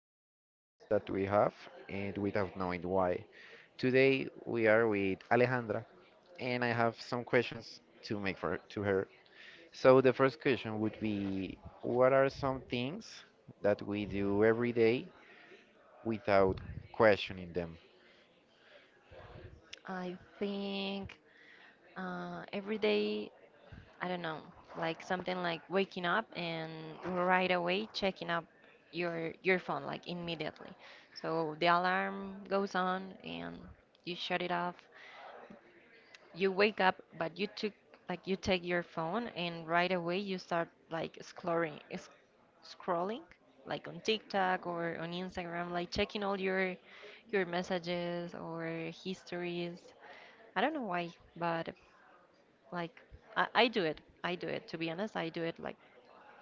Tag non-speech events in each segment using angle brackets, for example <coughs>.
everyday habits that we have and without knowing why. Today we are with Alejandra and I have some questions to make for to her. So the first question would be what are some things that we do every day without questioning them? I think every day, I don't know, like something like waking up and right away checking up your phone like immediately. So the alarm goes on and you shut it off. You wake up, but you took like you take your phone and right away you start like scrolling like on TikTok or on Instagram, like checking all your messages or histories. I don't know why, but Like I do it. I do it. To be honest, I do it like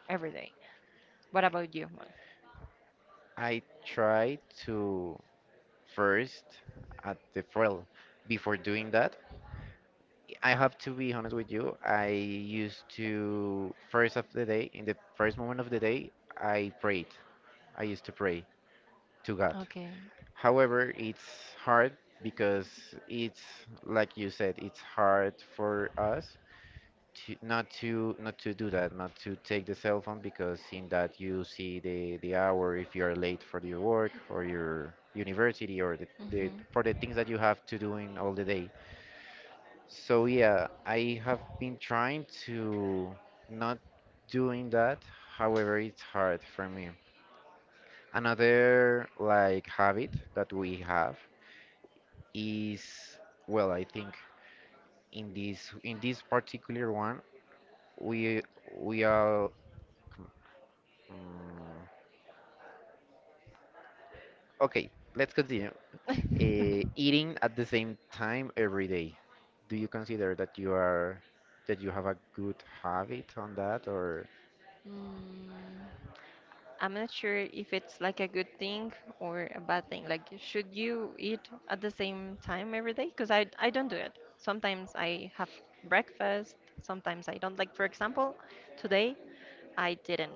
every day. What about you, Mon? I try to first, at the well, before doing that, I have to be honest with you. I used to first of the day, in the first moment of the day, I prayed. I used to pray to God. Okay. However, it's hard because it's like you said, it's hard for us to not to do that, not to take the cell phone because in that you see the hour if you are late for your work or your university or the Mhm. for the things that you have to do in all the day. So yeah, I have been trying to not doing that. However, it's hard for me. Another like habit that we have is, well, I think in this particular one we we are mm, okay. Let's continue. <laughs> Eating at the same time every day. Do you consider that you have a good habit on that or? Mm. I'm not sure if it's like a good thing or a bad thing. Like, should you eat at the same time every day? Because I don't do it. Sometimes I have breakfast, sometimes I don't. Like, for example, today I didn't.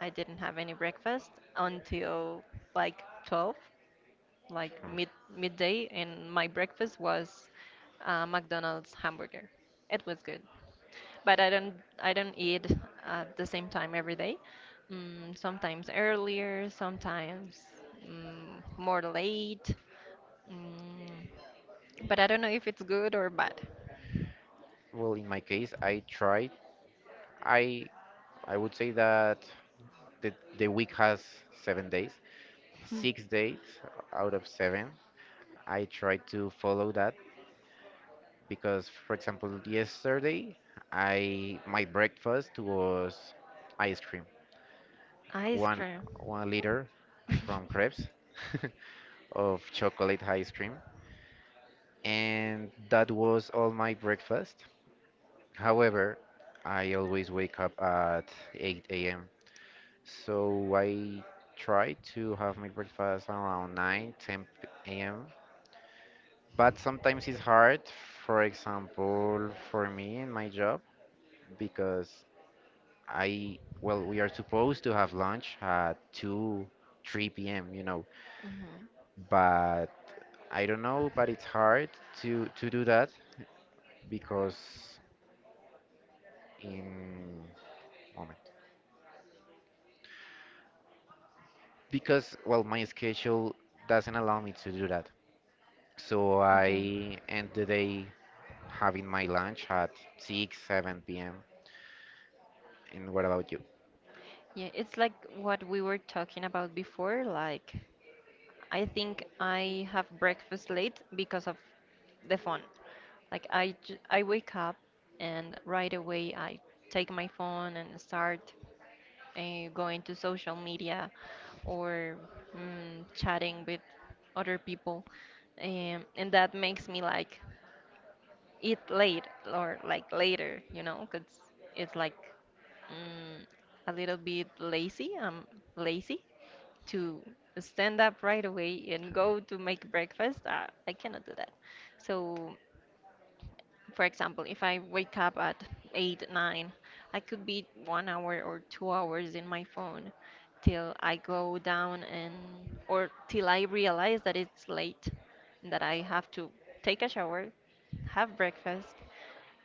I didn't have any breakfast until like 12. like Hmm. mid midday, and my breakfast was McDonald's hamburger. It was good, but I don't eat at the same time every day. Mm, sometimes earlier, sometimes more late. Mm, but I don't know if it's good or bad. Well, in my case, I try I I would say that the the week has 7 days. 6 days out of seven, I try to follow that because, for example, yesterday, I my breakfast was ice cream, Ice one cream. one liter <laughs> from Krebs <laughs> of chocolate ice cream, and that was all my breakfast. However, I always wake up at 8 a.m. So I try to have my breakfast around nine ten 10 a.m. But sometimes it's hard, for example, for me in my job, because well, we are supposed to have lunch at 2, 3 p.m.. Hmm. But I don't know, but it's hard to do that because in moment because well my schedule doesn't allow me to do that, so I Okay. end the day having my lunch at 6, 7 p.m. And what about you? Yeah, it's like what we were talking about before, like. I think I have breakfast late because of the phone. I wake up and right away I take my phone and start going to social media or chatting with other people, and that makes me like eat late or like later, you know? Because it's like mm, a little bit lazy. I'm lazy to stand up right away and go to make breakfast, I cannot do that. So, for example, if I wake up at 8, 9, I could be 1 hour or 2 hours in my phone till I go down or till I realize that it's late and that I have to take a shower, have breakfast,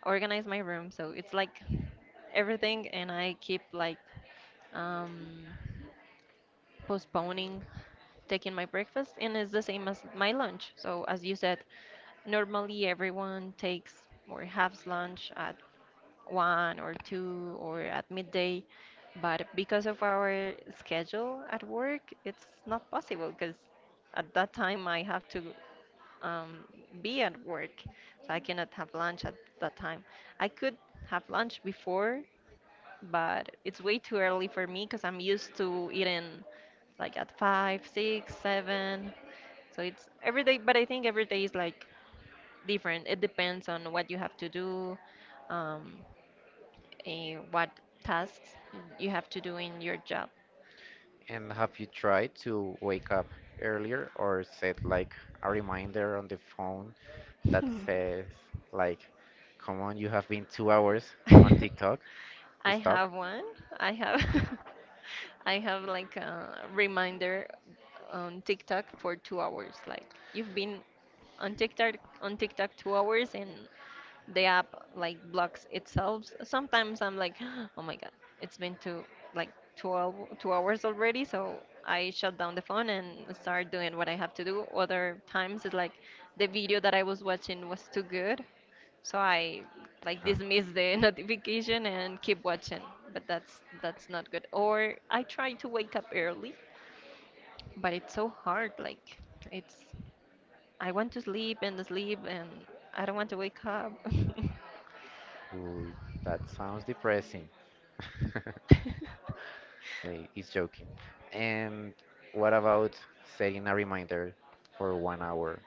organize my room. So it's like everything, and I keep like, um, postponing taking my breakfast, and it's the same as my lunch. So, as you said, normally everyone takes or has lunch at one or two or at midday, but because of our schedule at work, it's not possible because at that time I have to um, be at work, so I cannot have lunch at that time. I could have lunch before but it's way too early for me because I'm used to eating like at five, six, seven. So it's every day, but I think every day is like different. It depends on what you have to do, um, what tasks you have to do in your job. And have you tried to wake up earlier or set like a reminder on the phone that says <laughs> like, come on, you have been 2 hours on <laughs> TikTok, I stop? have one. I have <laughs> I have like a reminder on TikTok for 2 hours. Like you've been on TikTok on TikTok 2 hours and the app like blocks itself. Sometimes I'm like, <gasps> oh my god, it's been two like 12, 2 hours already. So I shut down the phone and start doing what I have to do. Other times it's like the video that I was watching was too good so I like Uh, dismiss the <laughs> notification and keep watching, but that's not good. Or I try to wake up early, but it's so hard. Like it's I want to sleep and sleep and I don't want to wake up. <laughs> Ooh, that sounds depressing. <laughs> Hey, he's joking. And what about setting a reminder for 1 hour?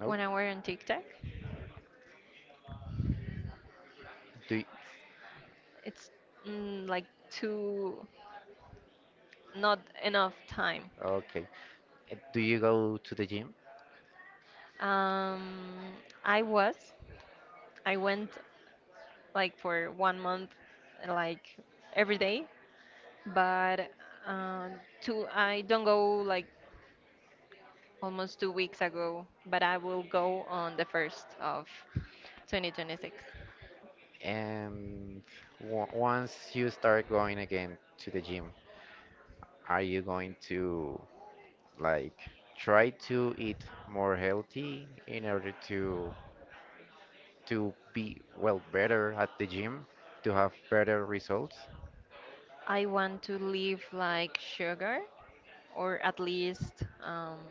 Nope. 1 hour on TikTok, Do y it's like too not enough time. Okay. Do you go to the gym? Um, I was I went like for 1 month, like every day but uh, two I don't go like almost 2 weeks ago, but I will go on the first of 2026. And w once you start going again to the gym, are you going to like try to eat more healthy in order to be well better at the gym, to have better results? I want to leave like sugar, or at least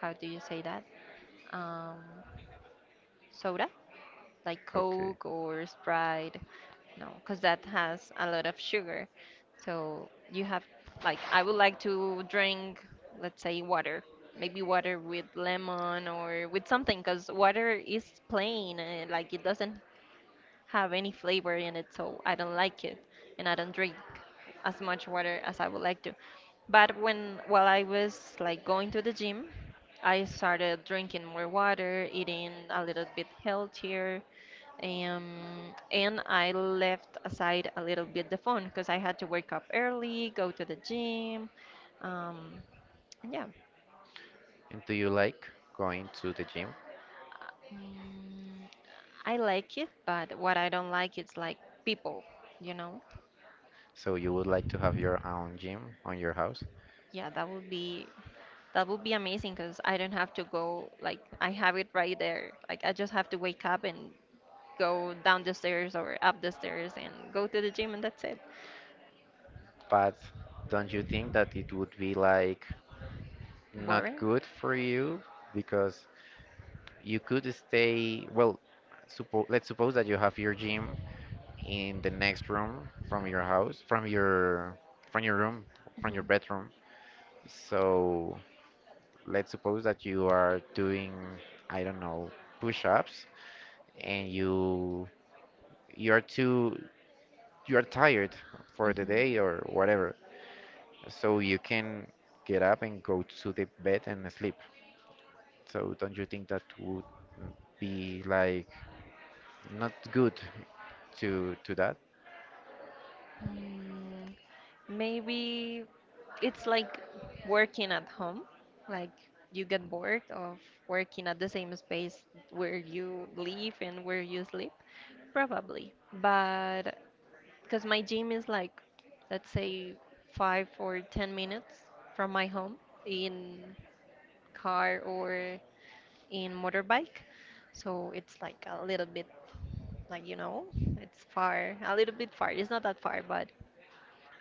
how do you say that? Um, soda. Like Okay. Coke or Sprite. No, because that has a lot of sugar. So you have, like, I would like to drink, let's say, water. Maybe water with lemon or with something, because water is plain and, like, it doesn't have any flavor in it. So I don't like it. And I don't drink as much water as I would like to. But when, while I was, like, going to the gym, I started drinking more water, eating a little bit healthier, um, and I left aside a little bit the phone because I had to wake up early, go to the gym. Um, and yeah, And do you like going to the gym? mm, I like it, but what I don't like is like people, you know? So you would like to have your own gym on your house, Yeah, that would be amazing because I don't have to go like I have it right there. Like I just have to wake up and go down the stairs or up the stairs and go to the gym and that's it. but don't you think that it would be like not Boring. good for you because you could stay, well, suppo let's suppose that you have your gym in the next room from your house, from your room, from your Mhm. bedroom. So let's suppose that you are doing, I don't know, push-ups and you are too you are tired for the Mhm. day or whatever. So you can get up and go to the bed and sleep. So don't you think that would be like not good to that? Mm, maybe. It's like working at home. Like you get bored of working at the same space where you live and where you sleep, probably. But because my gym is like, let's say, 5 or 10 minutes from my home in car or in motorbike. So it's like a little bit, like, you know, it's far, a little bit far. It's not that far,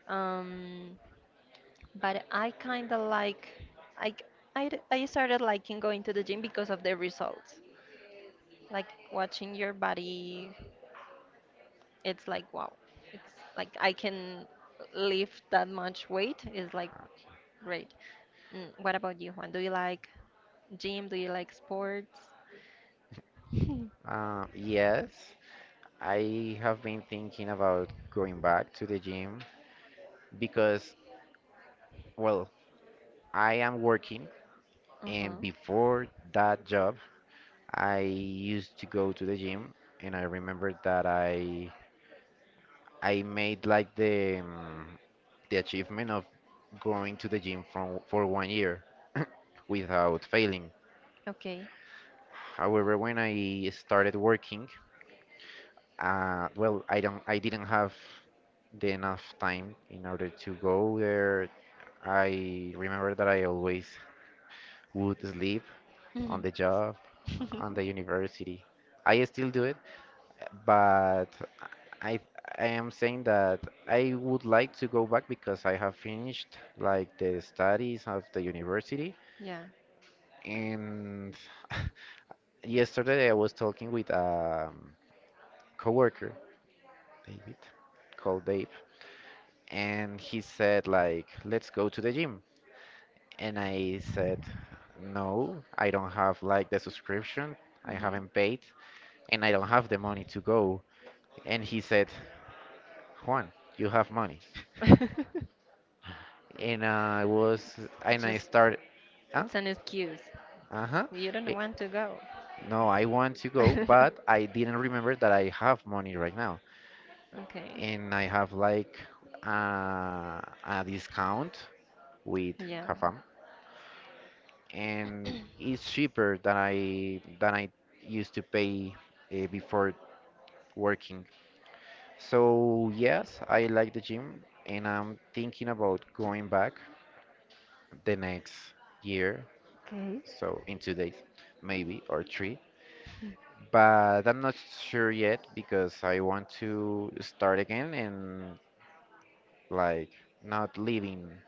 um, but I kind of like I, I started liking going to the gym because of the results. Like watching your body, it's like wow. It's like I can lift that much weight is like great. Mm, what about you, Juan? Do you like gym? Do you like sports? <laughs> Yes, I have been thinking about going back to the gym because, well, I am working, and Uh-huh. before that job, I used to go to the gym, and I remember that I made like the achievement of going to the gym from for 1 year <coughs> without failing. Okay. However, when I started working, well, I didn't have the enough time in order to go there. I remember that I always would sleep on Mhm. the job, on the <laughs> university. I still do it, but I I am saying that I would like to go back because I have finished like the studies of the university Yeah. and <laughs> yesterday I was talking with a coworker, David, called Dave, and he said like, let's go to the gym. And I said, no, I don't have like the subscription. I Mhm. haven't paid and I don't have the money to go. And he said, Juan, you have money. And I was, <laughs> and I Just started, uh, it's an excuse. uh-huh. You don't it- want to go. no, I want to go, but <laughs> I didn't remember that I have money right now. Okay. And I have like uh, a discount with Yeah. Kafam. And it's cheaper than I used to pay, before working. So yes, I like the gym and I'm thinking about going back the next year, so in 2 days maybe or three. But I'm not sure yet because I want to start again and like not leaving,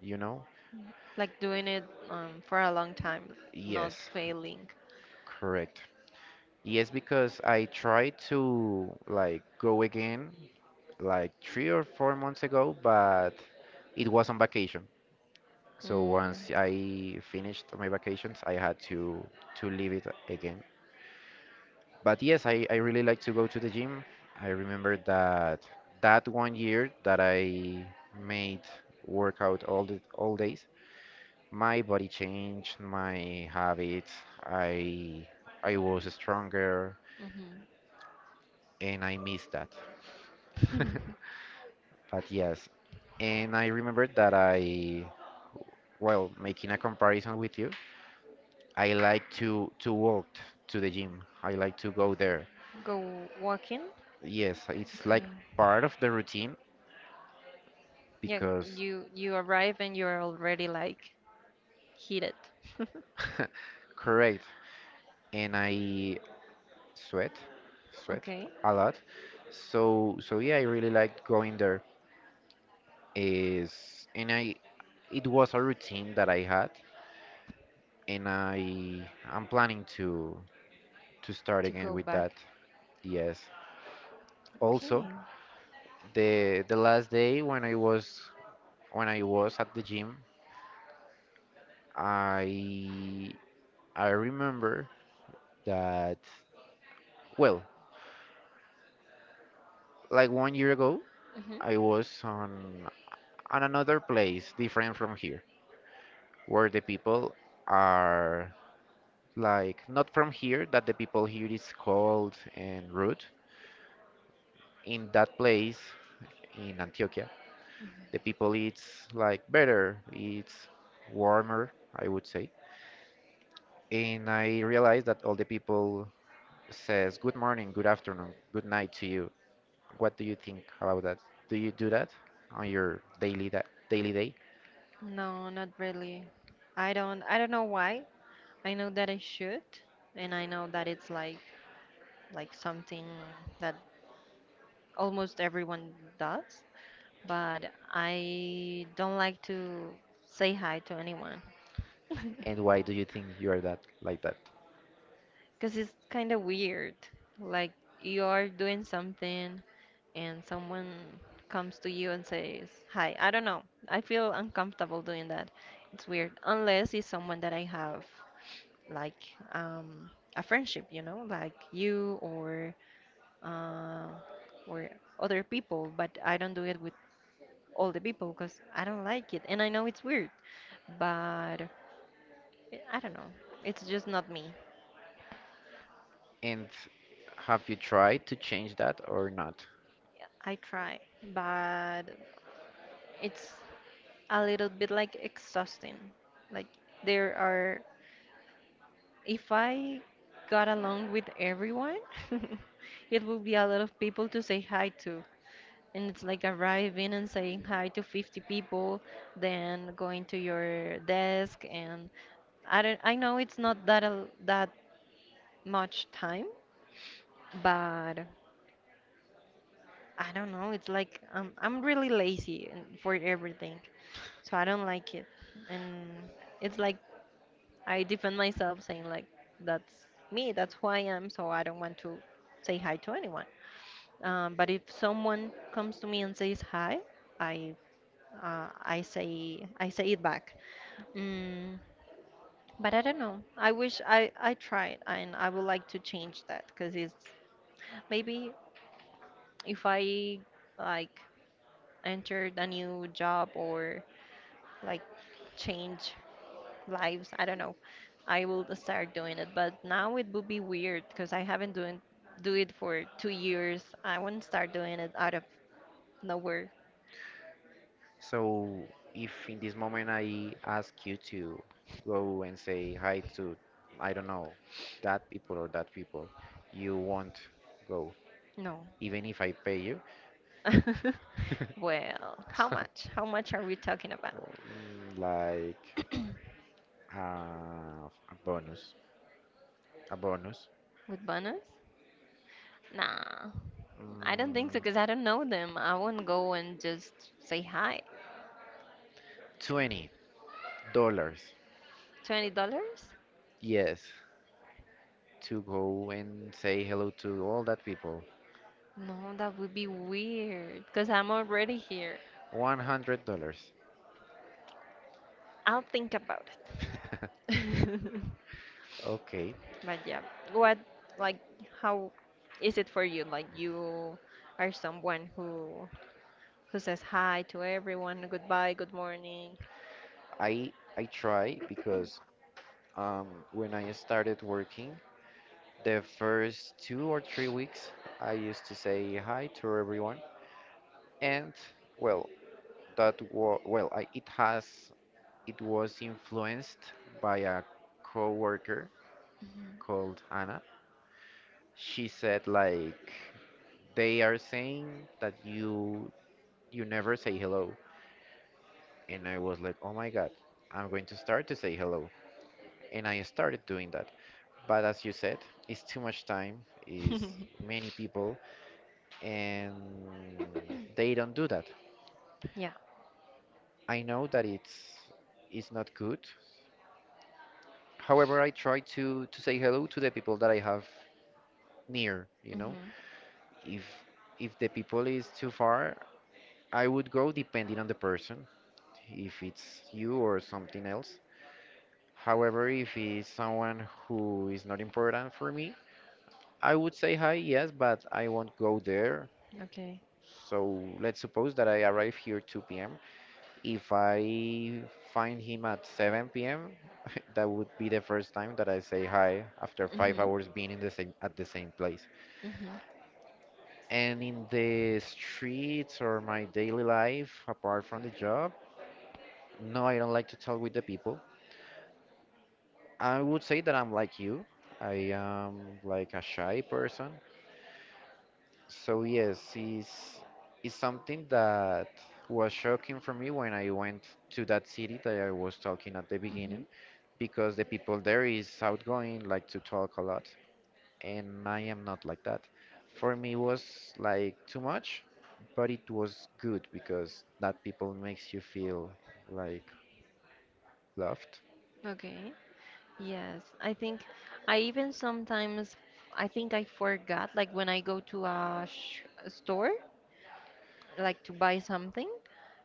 you know? Like doing it for a long time, not Yes, failing. correct. Yes, because I tried to like go again like 3 or 4 months ago, but it was on vacation. So Mm, once I finished my vacations, I had to leave it again. But yes, I really like to go to the gym. I remember that that 1 year that I made workout all days, my body changed, my habits. I I was stronger, mhm. and I missed that. <laughs> But yes, and I remember that well, making a comparison with you, I like to walk to the gym. I like to go there. <laughs> Go walking. Yes, it's Okay. like part of the routine Yeah, because. you arrive and you're already like heated. <laughs> <laughs> Correct. And I sweat, sweat Okay, a lot. So yeah, I really like going there. Is and I It was a routine that I had, and I'm planning to start to again go with back. that. Yes. Also, Okay. the last day when I was at the gym I I remember that, well, like 1 year ago, Hmm. I was on another place different from here, where the people are like not from here, that the people here is cold and rude. In that place in Antioquia, the people it's like better, it's warmer, I would say. And I realized that all the people says good morning, good afternoon, good night to you. What do you think about that? Do you do that on your daily that daily day? No, not really. I don't know why. I know that I should, and I know that it's like something that almost everyone does, but I don't like to say hi to anyone. <laughs> And why do you think you are that like that? Because it's kind of weird. Like you are doing something and someone comes to you and says, hi, I don't know. I feel uncomfortable doing that. It's weird. Unless it's someone that I have like a friendship, you know, like you or uh, or other people. But I don't do it with all the people because I don't like it. And I know it's weird, but I don't know. It's just not me. And have you tried to change that or not? I try, but it's a little bit like exhausting. Like there are, if I got along with everyone, <laughs> it would be a lot of people to say hi to. And it's like arriving and saying hi to 50 people, then going to your desk and I know it's not that that much time, but I don't know, it's like I'm really lazy and- for everything. So I don't like it. And it's like I defend myself saying like that's me, that's who I am, so I don't want to say hi to anyone. But if someone comes to me and says hi, I I say it back. Mm, but I don't know. I wish I tried and I would like to change that because it's maybe if I like entered a new job or like change lives. I don't know. I will start doing it, but now it would be weird because I haven't doing do it for 2 years. I wouldn't start doing it out of nowhere. So if in this moment I ask you to go and say hi to, I don't know, that people or that people, you won't go, No. even if I pay you, <laughs> Well, how much? How much are we talking about? or, like a bonus, a bonus. With bonus? Nah, I don't think so Mm, because I don't know them. I won't go and just say hi. $20. $20? Yes, to go and say hello to all that people. No, that would be weird because I'm already here. $100. I'll think about <laughs> it. <laughs> Okay. But yeah, what like how is it for you? Like you are someone who says hi to everyone, goodbye, good morning. I I try because when I started working, the first 2 or 3 weeks, I used to say hi to everyone, and well, that wa well, I, it has it was influenced by a coworker called Anna. She said like. They are saying that you never say hello. And I was like, oh my god, I'm going to start to say hello. And I started doing that. But as you said, it's too much time, is <laughs> many people, and they don't do that. Yeah. I know that it's not good. However, I try to say hello to the people that I have near. Mhm. If if the people is too far, I would go depending on the person, if it's you or something else. However, if it's someone who is not important for me, I would say hi, yes, but I won't go there. Okay. So let's suppose that I arrive here 2 p.m. If I find him at 7 p.m., <laughs> that would be the first time that I say hi after five Mhm. hours being in the same at the same place. Mhm. And in the streets or my daily life, apart from the job, no, I don't like to talk with the people. I would say that I'm like you. I am like a shy person. So yes, it's something that was shocking for me when I went to that city that I was talking at the beginning, Mhm. because the people there is outgoing, like to talk a lot, and I am not like that. For me, it was like too much, but it was good because that people makes you feel like loved. Okay. Yes. I think I even sometimes I think I forgot like when I go to a sh store like to buy something,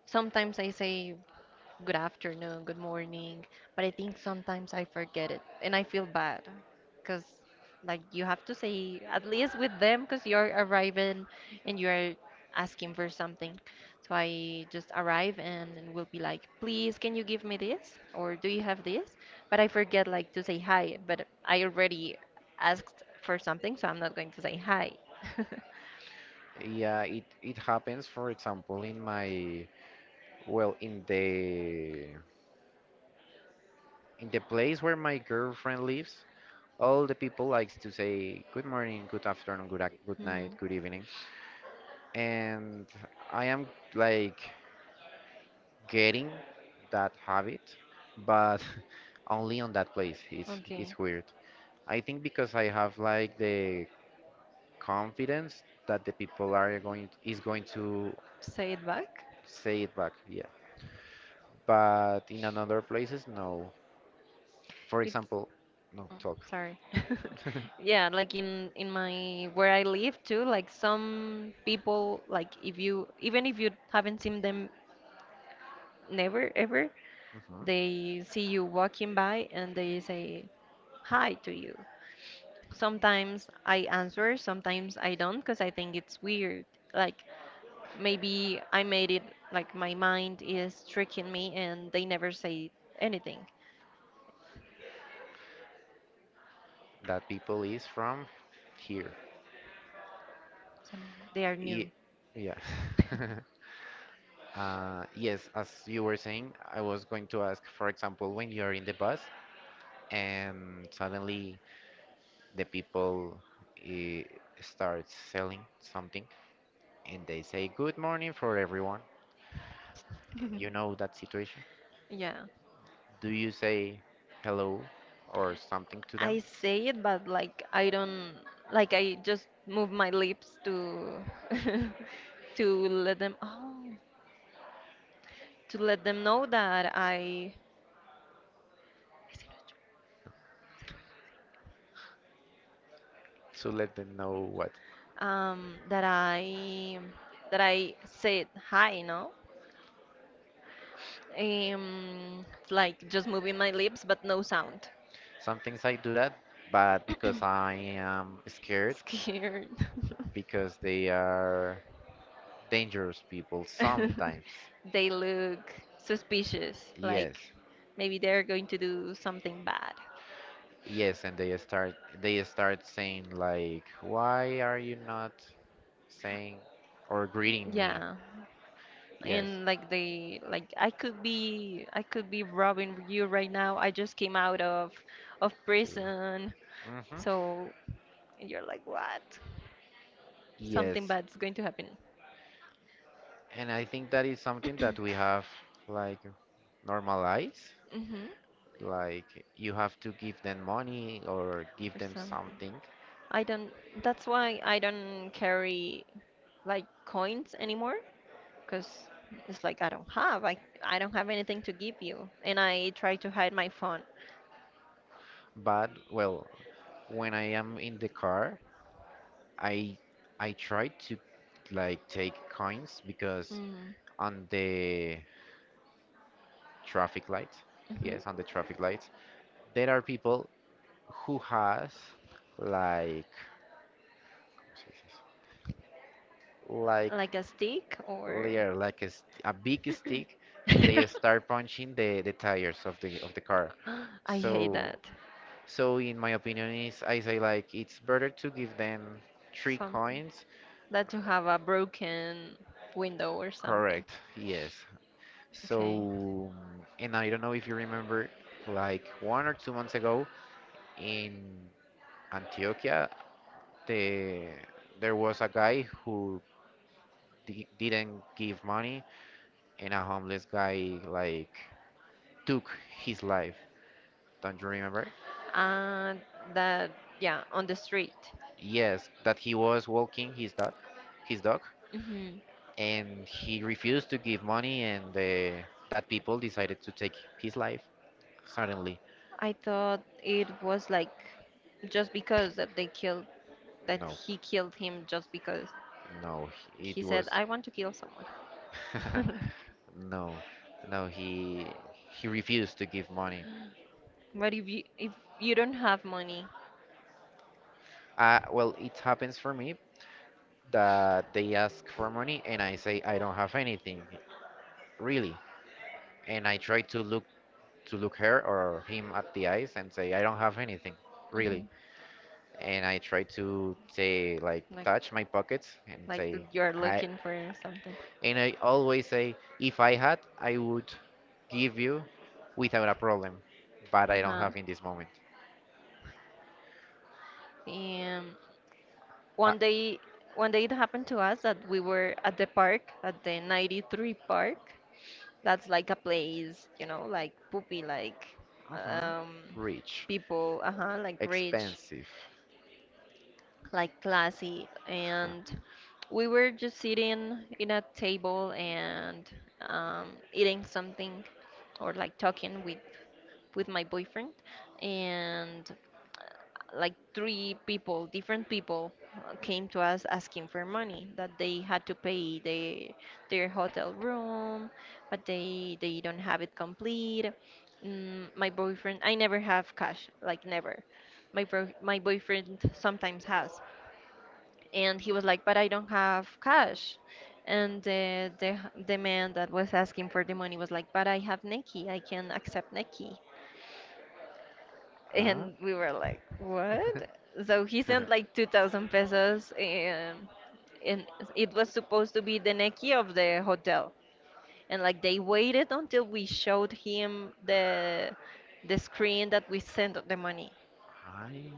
sometimes I say good afternoon, good morning, but I think sometimes I forget it and I feel bad because like you have to say at least with them because you're arriving and you're asking for something. So I just arrive and will be like, please, can you give me this? Or do you have this? But I forget like to say hi, but I already asked for something, so I'm not going to say hi. <laughs> Yeah, it happens, for example, in my well, in the place where my girlfriend lives, all the people likes to say good morning, good afternoon, good night, Hmm. good evening, and I am like getting that habit, but <laughs> only on that place. It's Okay, it's weird. I think because I have like the confidence that the people are going is going to say it back. say it back. Yeah, but in another places, no. For example, no Oh, talk. sorry. <laughs> Yeah, like in my where I live too, like some people like if you even if you haven't seen them never ever, Mhm. they see you walking by and they say hi to you. Sometimes I answer, sometimes I don't because I think it's weird. Like maybe I made it like my mind is tricking me and they never say anything. That people is from here. So they are Ye- new. <laughs> yeah. <laughs> Yes, as you were saying, I was going to ask, for example, when you're in the bus and suddenly the people eh, start selling something and they say, "Good morning for everyone." You know that situation. Yeah. Do you say hello or something to them I say it, but like I don't like I just move my lips to <laughs> to let them know that I to let them know what? That I that I said hi, no? Like just moving my lips but no sound. Sometimes I do that, but because I am scared, Scared. because they are dangerous people <laughs> sometimes. They look suspicious, Yes. like maybe they're going to do something bad. Yes, and they start saying like, "Why are you not saying or greeting me?" Yeah. Yes. And like they like I could be robbing you right now. I just came out of prison. Mm-hmm. So and you're like, what? Something Yes, bad's going to happen. and I think that is something that we have like normalized. Hmm. Like you have to give them money or give Or them something. something. I don't. That's why I don't carry like coins anymore, because it's like I don't have. I don't have anything to give you, and I try to hide my phone. But well, when I am in the car, I I try to like take coins because Mm. on the traffic light, yes, on Hmm. the traffic light, there are people who has like like Like a stick or. layer like a, a big stick and they <laughs> start punching the tires of the car, I hate so that. so in my opinion is I say like it's better to give them three Something. coins. That you have a broken window or something. Correct. Yes. Okay. So and I don't know if you remember like 1 or 2 months ago in Antioquia, the there was a guy who didn't give money, and a homeless guy like took his life. Don't you remember? And that, yeah, on the street. Yes, that he was walking his dog, Hmm. and he refused to give money, and that people decided to take his life suddenly. I thought it was like just because that they killed, that No, he killed him just because no, it he said, was I want to kill someone. <laughs> <laughs> no, no. He refused to give money. But if you don't have money, Well, it happens for me that they ask for money and I say I don't have anything. Really, and I try to look her or him at the eyes and say I don't have anything, really. hmm, And I try to say like like touch my pockets and like say you're I looking for something. and I always say if I had I would give you without a problem, but I don't Uh-huh. have in this moment. Um, I. One day, it happened to us that we were at the park, at the 93 park. That's like a place, you know, like poopy, like Mhm. um, Rich, people, uh-huh, like rich, expensive. like classy. Huh? And we were just sitting in a table and eating something or like talking with my boyfriend. And like three people, different people, came to us asking for money that they had to pay their hotel room, but they don't have it complete. My boyfriend, I never have cash, like never. My boyfriend sometimes has, and he was like, but I don't have cash. And the man that was asking for the money was like, but I have Neki, I can accept Neki. Huh? And we were like, what? <laughs> So he sent like 2,000 pesos and it was supposed to be the Neki of the hotel. And like they waited until we showed him the screen that we sent the money. I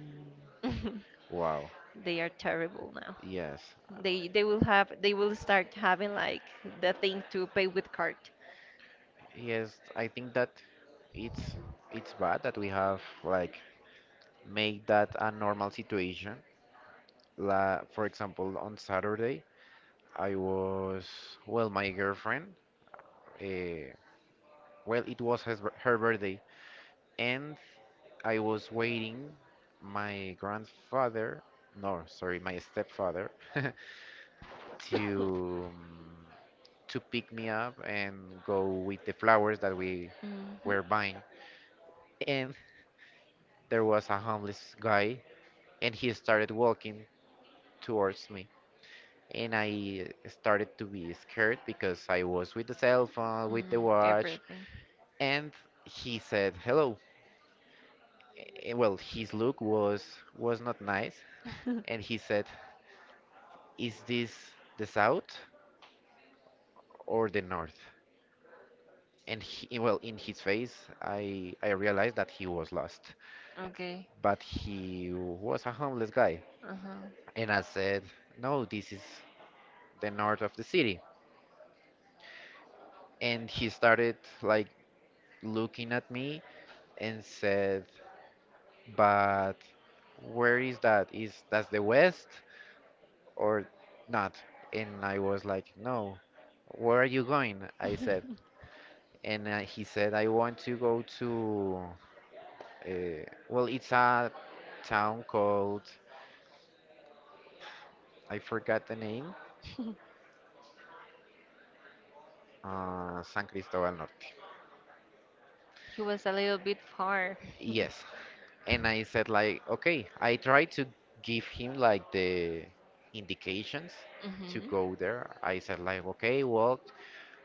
<laughs> wow. They are terrible now. Yes. They will start having like the thing to pay with card. Yes, I think that it's it's bad that we have like make that a normal situation. La, for example, on Saturday, I was, well, my girlfriend, uh, well, it was his, her birthday, and I was waiting my grandfather, no, sorry, my stepfather, <laughs> to um, to pick me up and go with the flowers that we Hmm. were buying. And there was a homeless guy, and he started walking towards me and I started to be scared because I was with the cell phone, with the Mm, watch, everything. and he said hello. Well, his look was not nice, and <laughs> he said, "Is this the south or the north?" And he, well, in his face, I realized that he was lost, Okay. but he was a homeless guy, Uh-huh. and I said, "No, this is the north of the city." And he started like looking at me and said, but where is that? Is that's the west or not? And I was like, no. Where are you going? I said, and he said, I want to go to. Well, it's a town called I forgot the name. San Cristobal Norte. He was a little bit far. <laughs> Yes, and I said like, okay. I tried to give him like the indications to Mm-hmm. go there. I said like, okay, well,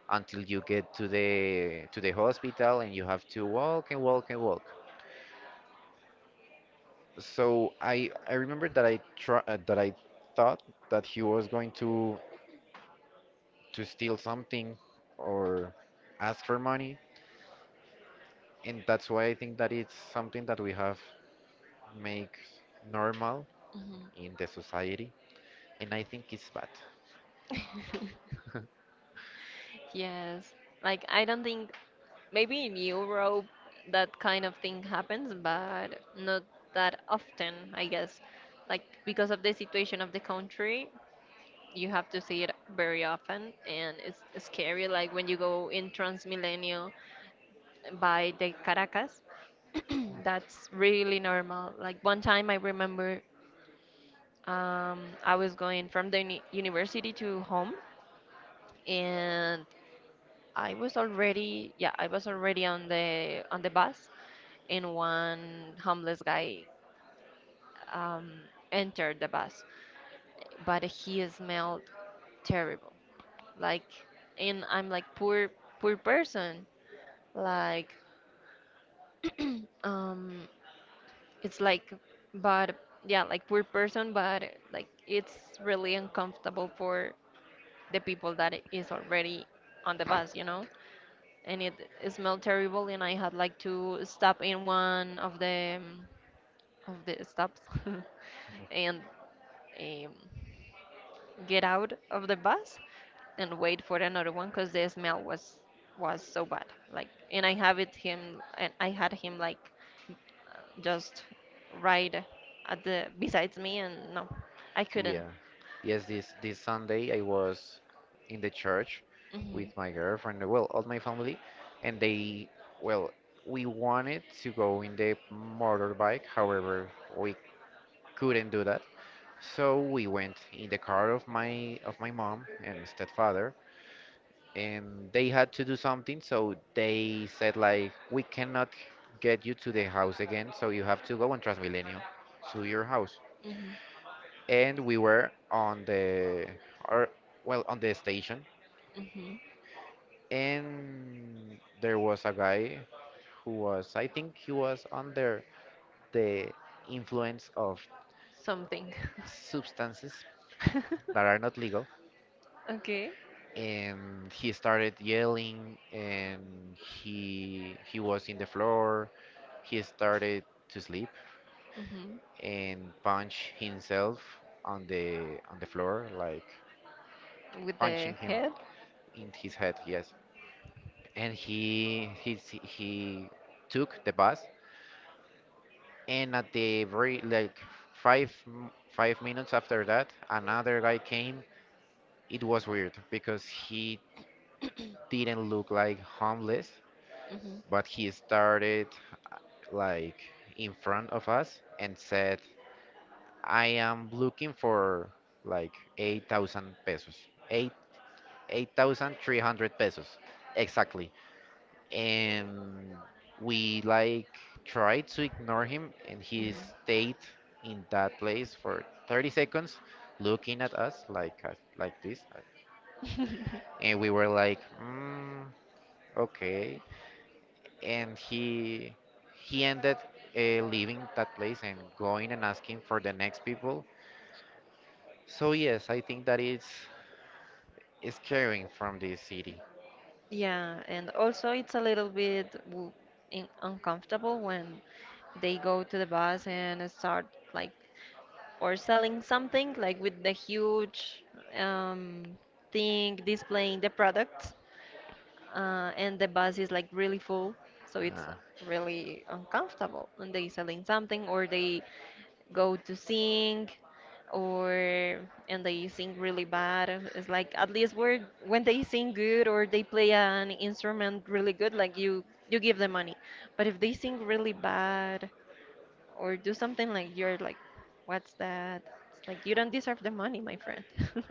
until you get to the hospital and you have to walk and walk and walk. So I remember that I try, that I thought that he was going to steal something or ask for money, and that's why I think that it's something that we have make normal in the society, and I think it's bad. Mhm. <laughs> Yes. Like I don't think maybe in Europe that kind of thing happens, but not that often, I guess. Like because of the situation of the country, you have to see it very often, and it's scary like when you go in Transmilenio by the Caracas. <clears throat> That's really normal. Like one time I remember, I was going from the university to home, and yeah, I was already on the bus, and one homeless guy um, entered the bus, but he smelled terrible. Like, and I'm like poor person. Like, um, it's like, but yeah, like poor person, but like it's really uncomfortable for the people that is already on the bus. And it smelled terrible, and I had like to stop in one of the stops <laughs> and um, get out of the bus and wait for another one because the smell was so bad like and I have it him and I had him like just right at the besides me, and no I couldn't. Yeah. Yes, this Sunday I was in the church Hmm. with my girlfriend, well, all my family, and they, well, we wanted to go in the motorbike, however, we couldn't do that. So we went in the car of my mom and stepfather, and they had to do something, so they said like, we cannot get you to the house again, so you have to go on Transmilenio to your house, Hmm. and we were on the or well on the station, Hmm. and there was a guy who was I think he was under the influence of Something. substances that are <laughs> not legal, Okay. and he started yelling, and he was in the floor, he started to sleep Hmm. and punch himself on the floor like With punching the him head. in his head, yes. And he took the bus, and at the very like 5 minutes after that another guy came. It was weird because he didn't look like homeless, Hmm. but he started uh, like in front of us and said I am looking for like 8000 pesos, 8, 8300 pesos exactly. And we like tried to ignore him, and he Hmm. stayed in that place for 30 seconds looking at us like like this, and we were like mm, okay. And he ended leaving that place and going and asking for the next people. So yes, I think that is scaring from this city. Yeah, and also it's a little bit uncomfortable when they go to the bus and start like or selling something like with the huge um, thing displaying the products, and the bus is like really full, so it's uh, really uncomfortable when they selling something, or they go to sing, or and they sing really bad. It's like at least when they sing good or they play an instrument really good, like you give them money. But if they sing really bad or do something, like you're like, what's that? It's like you don't deserve the money, my friend. <laughs>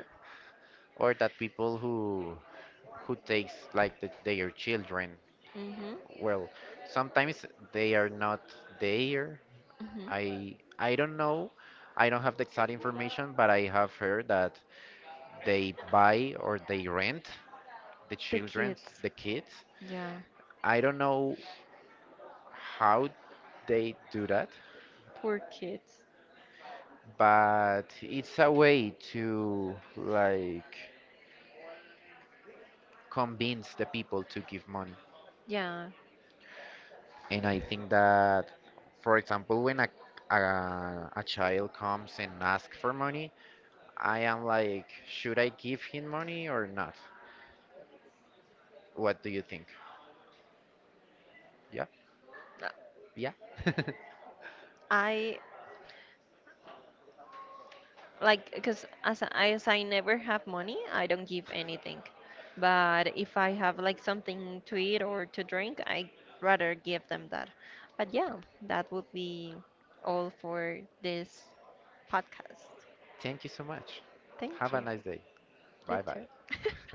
or that people who takes like the, their children. Mhm. Well, sometimes they are not there. Mhm. I don't know. I don't have the exact information, but I have heard that they buy or they rent the The children, kids. the kids. Yeah. I don't know how they do that, Poor kids. but it's a way to like convince the people to give money. Yeah. And I think that, for example, when a a child comes and asks for money, I am like, should I give him money or not? What do you think? Yeah, Uh, yeah. <laughs> I like because as I never have money, I don't give anything. But if I have like something to eat or to drink, I rather give them that. But yeah, that would be all for this podcast. Thank you so much. Thank Have a you. nice day. You Bye bye. too. <laughs>